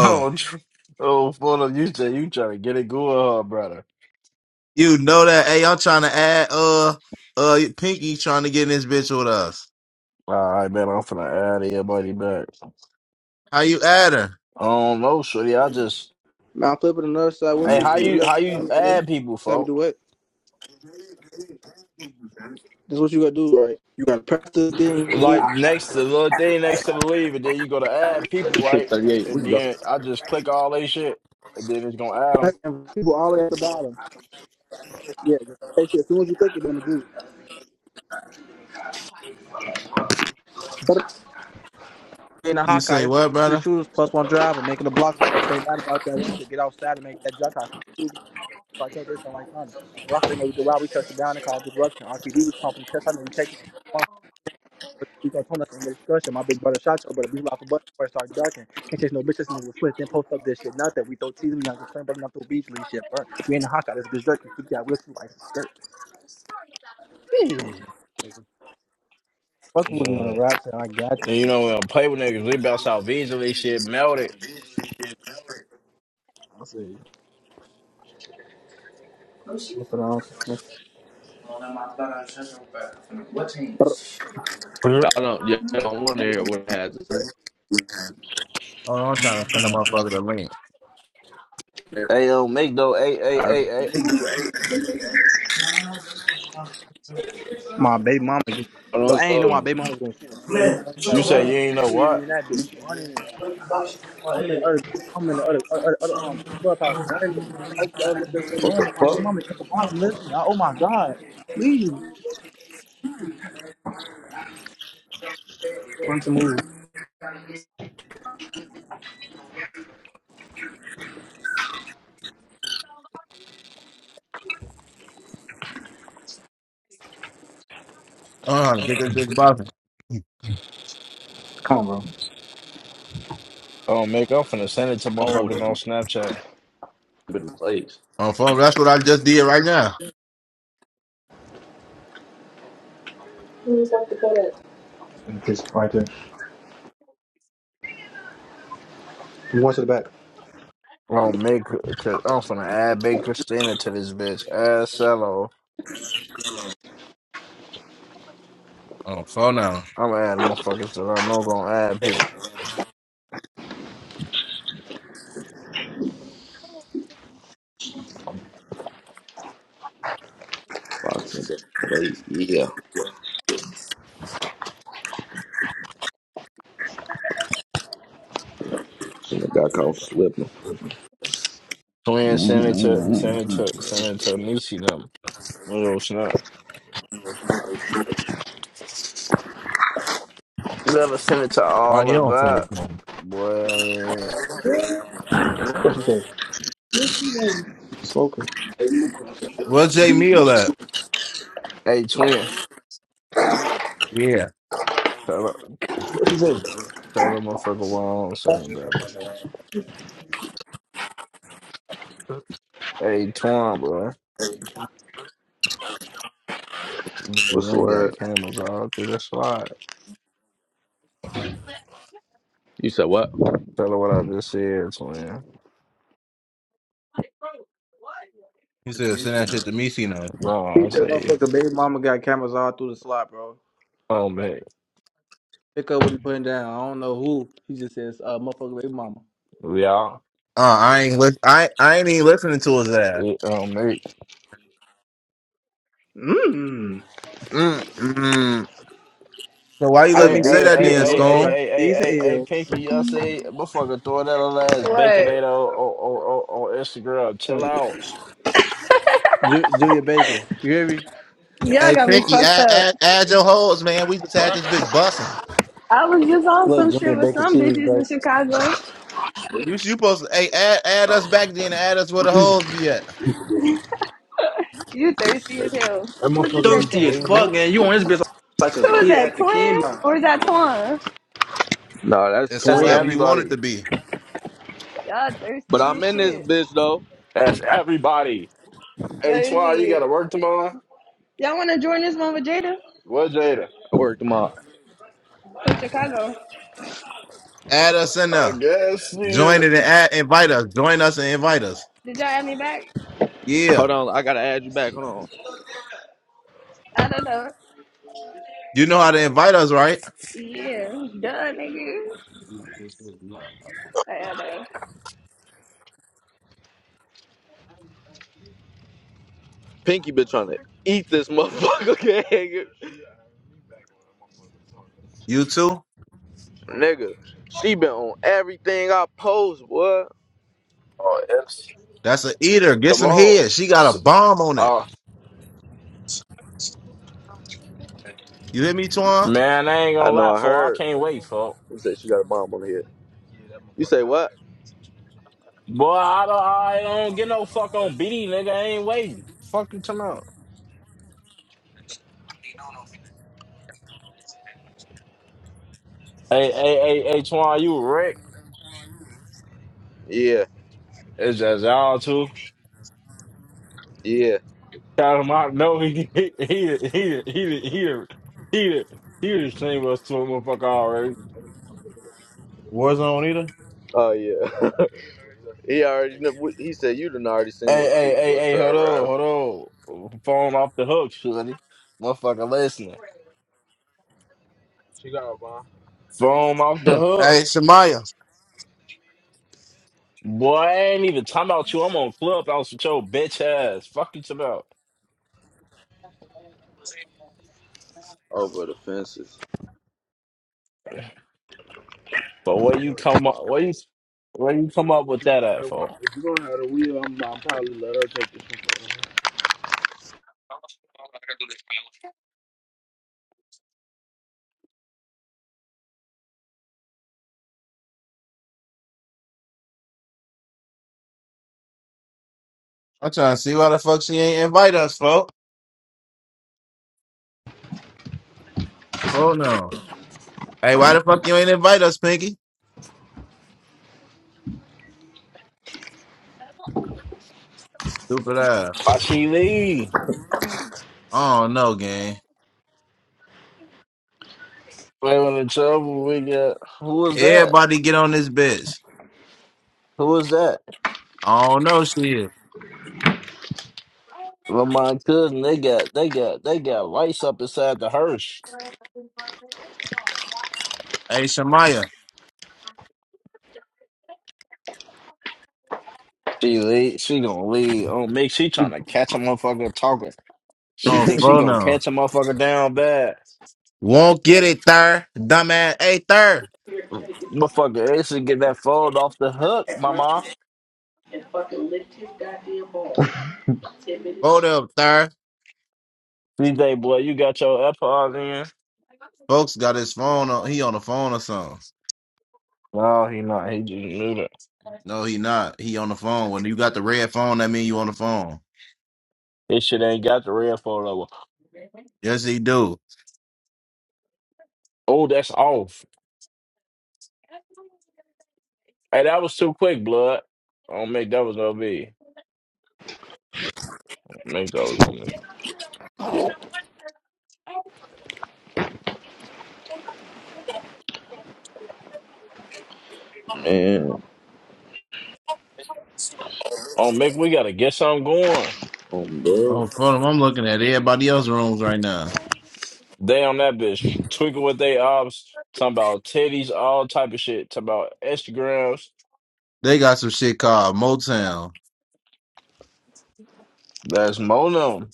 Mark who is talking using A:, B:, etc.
A: Oh, tr- oh, full of you say you trying to get it good, huh, brother?
B: you know that? Hey, I'm trying to add uh uh Pinky trying to get in this bitch with us.
A: All right, man, I'm finna add your buddy back.
B: How you add her?
A: I don't know, shorty. I just,
C: Now flip it another side. What you
A: hey, how
C: do
A: you
C: that
A: how you add people,
C: we
A: folk?
C: do what? That's what you gotta do, right? You gotta press the thing,
A: Like next to the little thing next to the leave, and then you go to add people,
D: Six
A: right?
D: thirty eight. We
A: And
D: can go.
A: then I just click all they shit, and then it's gonna add them.
C: press, and people all the way at the bottom. Yeah, just face As soon as you click it, then the group. in a
B: You
C: Hawkeye,
B: say
C: it's
B: what,
C: three
B: brother?
C: shooters plus one driver making a block. they not about that, once you get outside and make that jump out, so I can't do something like that. Rough, they know we do. Why we shut it down and cause disruption. RPD was pumping the test. I know you take it. You gonna tone us in the discussion. My big brother shot your brother. Be live for button before it start ducking. Can't chase no bitches nigga was Swift. Then post up this shit. Not that we throw teas. We not concerned, brother. Not throw beach league shit, bro. We in the hot out. This bitch jerky. We got whiskey like a skirt. Yeah. Fuck with me on the
A: Yeah.
C: rap shit. I got you.
A: And you
C: man.
A: know, when I play with niggas, we bounce out visually, shit melted.
C: I see.
E: No,
C: What's wrong?
E: nada más I'm centro, but what team?
D: Y'all don't, y'all don't want to hear what I had to say.
B: Oh, I'm trying to send a motherfucker the link.
D: Never
A: Hey, yo, make though, hey, hey, hey,
D: mind.
A: hey.
E: I don't know where she's from.
C: My baby mama. Just,
D: I don't know
C: but
D: it's
C: I ain't know my
D: loading.
C: baby mama's was gonna shoot. See when we
E: Man,
C: joined
E: shut
A: You
C: that
E: up,
A: say
E: bro.
A: you
C: room.
A: ain't
C: So
A: know
C: she hear me
A: what?
C: in that bitch running.
E: What the
C: I,
E: fuck is she talking
C: I'm in the
E: about?
C: other. I'm in the other other, other um clubhouse running. I
E: What
C: was the
E: I
C: other
E: got the
C: bitch is
D: What the
C: running. My baby mama
D: fuck?
C: at the bottom listening. Oh my god. Please. Front the move.
B: Uh, get this bitch buzzing.
C: Come on, bro.
A: Oh, make. I'm finna send it to
D: Oh,
A: motherfuckers on
D: this
A: Snapchat.
D: been played.
B: On phone. That's what I just did right now.
A: Oh, make I'm finna add Big Christina to this bitch. Add Cello.
B: On phone now.
A: I'm gonna add motherfuckers that I know gonna add people.
D: Boston been played. Yeah. And the guy called Slipping.
A: Twin send it to send it to send it to Niecy them. Little snap. Gotta send it to
B: Why
A: all
B: you
A: of
B: don't send it
A: that.
B: to him?
A: Boy,
C: What she say? Smoker.
B: Where's Jay Meal at?
A: hey twin.
B: Yeah.
A: Tell
C: What she say?
A: tell the motherfucker why I don't send it better. Hey twin, boy. You
D: What's the
A: don't got
D: word?
A: cameras all through the slide.
D: You said what?
A: Tell her what I just said, twin.
B: He said send that shit to me, see now.
A: No,
C: He
A: I
C: said,
A: say,
C: motherfucker, baby mama got cameras all through the slot, bro.
A: oh man,
C: Pick up what he putting down. I don't know who. He just says, uh, motherfucker, baby mama.
A: we all.
B: Uh, I ain't li- I I ain't even listening to his ass.
A: Um, mate.
C: Mmm.
A: Mm-mm.
B: So why you
C: I
B: let
C: be
A: Hey,
B: me say
A: hey,
C: baking
B: that
A: hey, hey,
C: teas
B: then,
C: on no
A: hey,
C: shit
B: Scone?
C: about
A: hey, hey,
C: these
A: hey, hey,
C: ills.
A: Pinky, y'all see, motherfucker throwing that little ass
F: What?
A: baconator on, on, on, on Instagram. Chill
C: Huh.
A: out.
C: Ju- Junior Bacon. You hear me?
F: Y'all
B: Hey,
F: got me
B: Pinky,
F: fucked
B: add,
F: up.
B: add, add your hoes, man. We just had this bitch busting.
F: I was just on
C: Look,
F: some
C: Junior
F: shit with
C: Bacon
F: some
C: cheeseburger.
F: bitches in Chicago.
B: You you supposed to hey add add us back then and add us where the hoes be at.
F: You thirsty as hell. Who just said
C: Thirsty
F: that?
C: as fuck, man. You on this bitch like a
F: Who was
C: kid
F: that?
C: at the
F: Twin
C: candy.
F: or is that Twan?
D: No, that's
B: It's
A: That's
F: Y'all,
B: whoever
D: twin.
B: you want it to
A: everybody.
B: be.
F: y'all
D: But
F: thirsty
D: I'm
F: as
D: in this
F: shit.
D: bitch though.
A: That's everybody. Hey,
F: Let me
A: Twan, you got
F: see.
A: to work tomorrow?
F: Y'all want to join this one with Jada
A: What, Jada?
D: I work tomorrow.
F: from Chicago?
B: Add us in
A: I
B: there.
A: guess,
B: Join
A: yeah.
B: it and add, invite us. Join us and invite us.
F: Did y'all have me back?
B: Yeah.
D: Hold on, I gotta add you back. Hold on.
F: I don't know.
B: You know how to invite us, right?
F: Yeah, duh, nigga. I don't know.
D: Pinky bitch on it. Eat this motherfucker, okay? nigga.
B: You too.
D: Nigga, She been on everything I post, boy.
A: Oh, it's
B: That's a eater. Get some
A: tomorrow.
B: head. She got a
A: S-
B: bomb on it.
A: Uh,
B: You hear me, Twan?
A: man, I ain't
D: I
A: gonna
D: know
A: lie,
D: I
A: for I
D: heard.
A: can't wait, fuck.
D: You said she got a bomb on her head. You say what?
A: Boy, I don't, I don't get no fuck on BD, nigga. I ain't waiting. Fuck you, tomorrow. Hey, hey, hey, hey, Twan, you a wreck?
D: Yeah,
A: It's just y'all too.
D: yeah.
A: Shout him out. No, he he he he he he he he he he just cleaned us to a motherfucker already.
B: Warzone either?
D: Oh yeah. he already. kn- He said you done already seen
A: Hey
D: what's
A: hey
D: to
A: hey
D: what's
A: hey,
D: to her
A: hold on
D: around.
A: hold on. Phone off the hook, shorty. Motherfucker, listening.
D: She got a bomb.
A: Phone off the hook.
B: Hey, Shamaya.
A: Boy, I ain't even talking about you. I'm on clubhouse with your bitch ass. Fuck you talking about.
D: over the fences.
A: But where you come up? Where you where you come up with
D: You gonna
A: that
D: have
A: at, for?
D: the- If you gonna have the wheel, I'm, I'm probably let her take this
B: I'm trying to see why the fuck she ain't invite us, folks. Oh no. Hey, why the fuck you ain't invite us, Pinky? Stupid ass.
A: Why she leave?
B: I don't know, gang.
A: Playing in trouble. We got who was that?
B: Everybody get on this bitch.
A: Who was that?
B: I don't know shit.
A: Well, My cousin, they got they got they got lights up inside the hearse.
B: Hey, Shamaya.
A: She lead, she gonna lead on me. She trying to catch a motherfucker talking. She
B: On
A: thinks she
B: phone
A: gonna
B: now.
A: catch a motherfucker down bad.
B: Won't get it, thir. Dumbass. Hey, thir.
A: Motherfucker, Ace get that fold off the hook, mama.
B: Vote up, thir.
A: DJ boy, you got your AirPods in.
B: Folks got his phone on. He on the phone or something.
A: No, he not. He just knew that.
B: No, he not. He on the phone. When you got the red phone, that mean you on the phone.
A: This shit ain't got the red fold over.
B: Yes, he do.
A: Oh, that's off. Hey, that was too quick, blood. On Mick, that was gonna be. Mick, that was gonna be. Yeah.
D: one. Man,
A: Oh Mick, we gotta get something going.
D: um, bro.
B: On phone. I'm looking at everybody else's rooms right now.
A: They on that bitch twinkle with they ops, talking about titties, all type of shit, talking about Instagrams.
B: They got some shit called Motown.
A: That's Mono.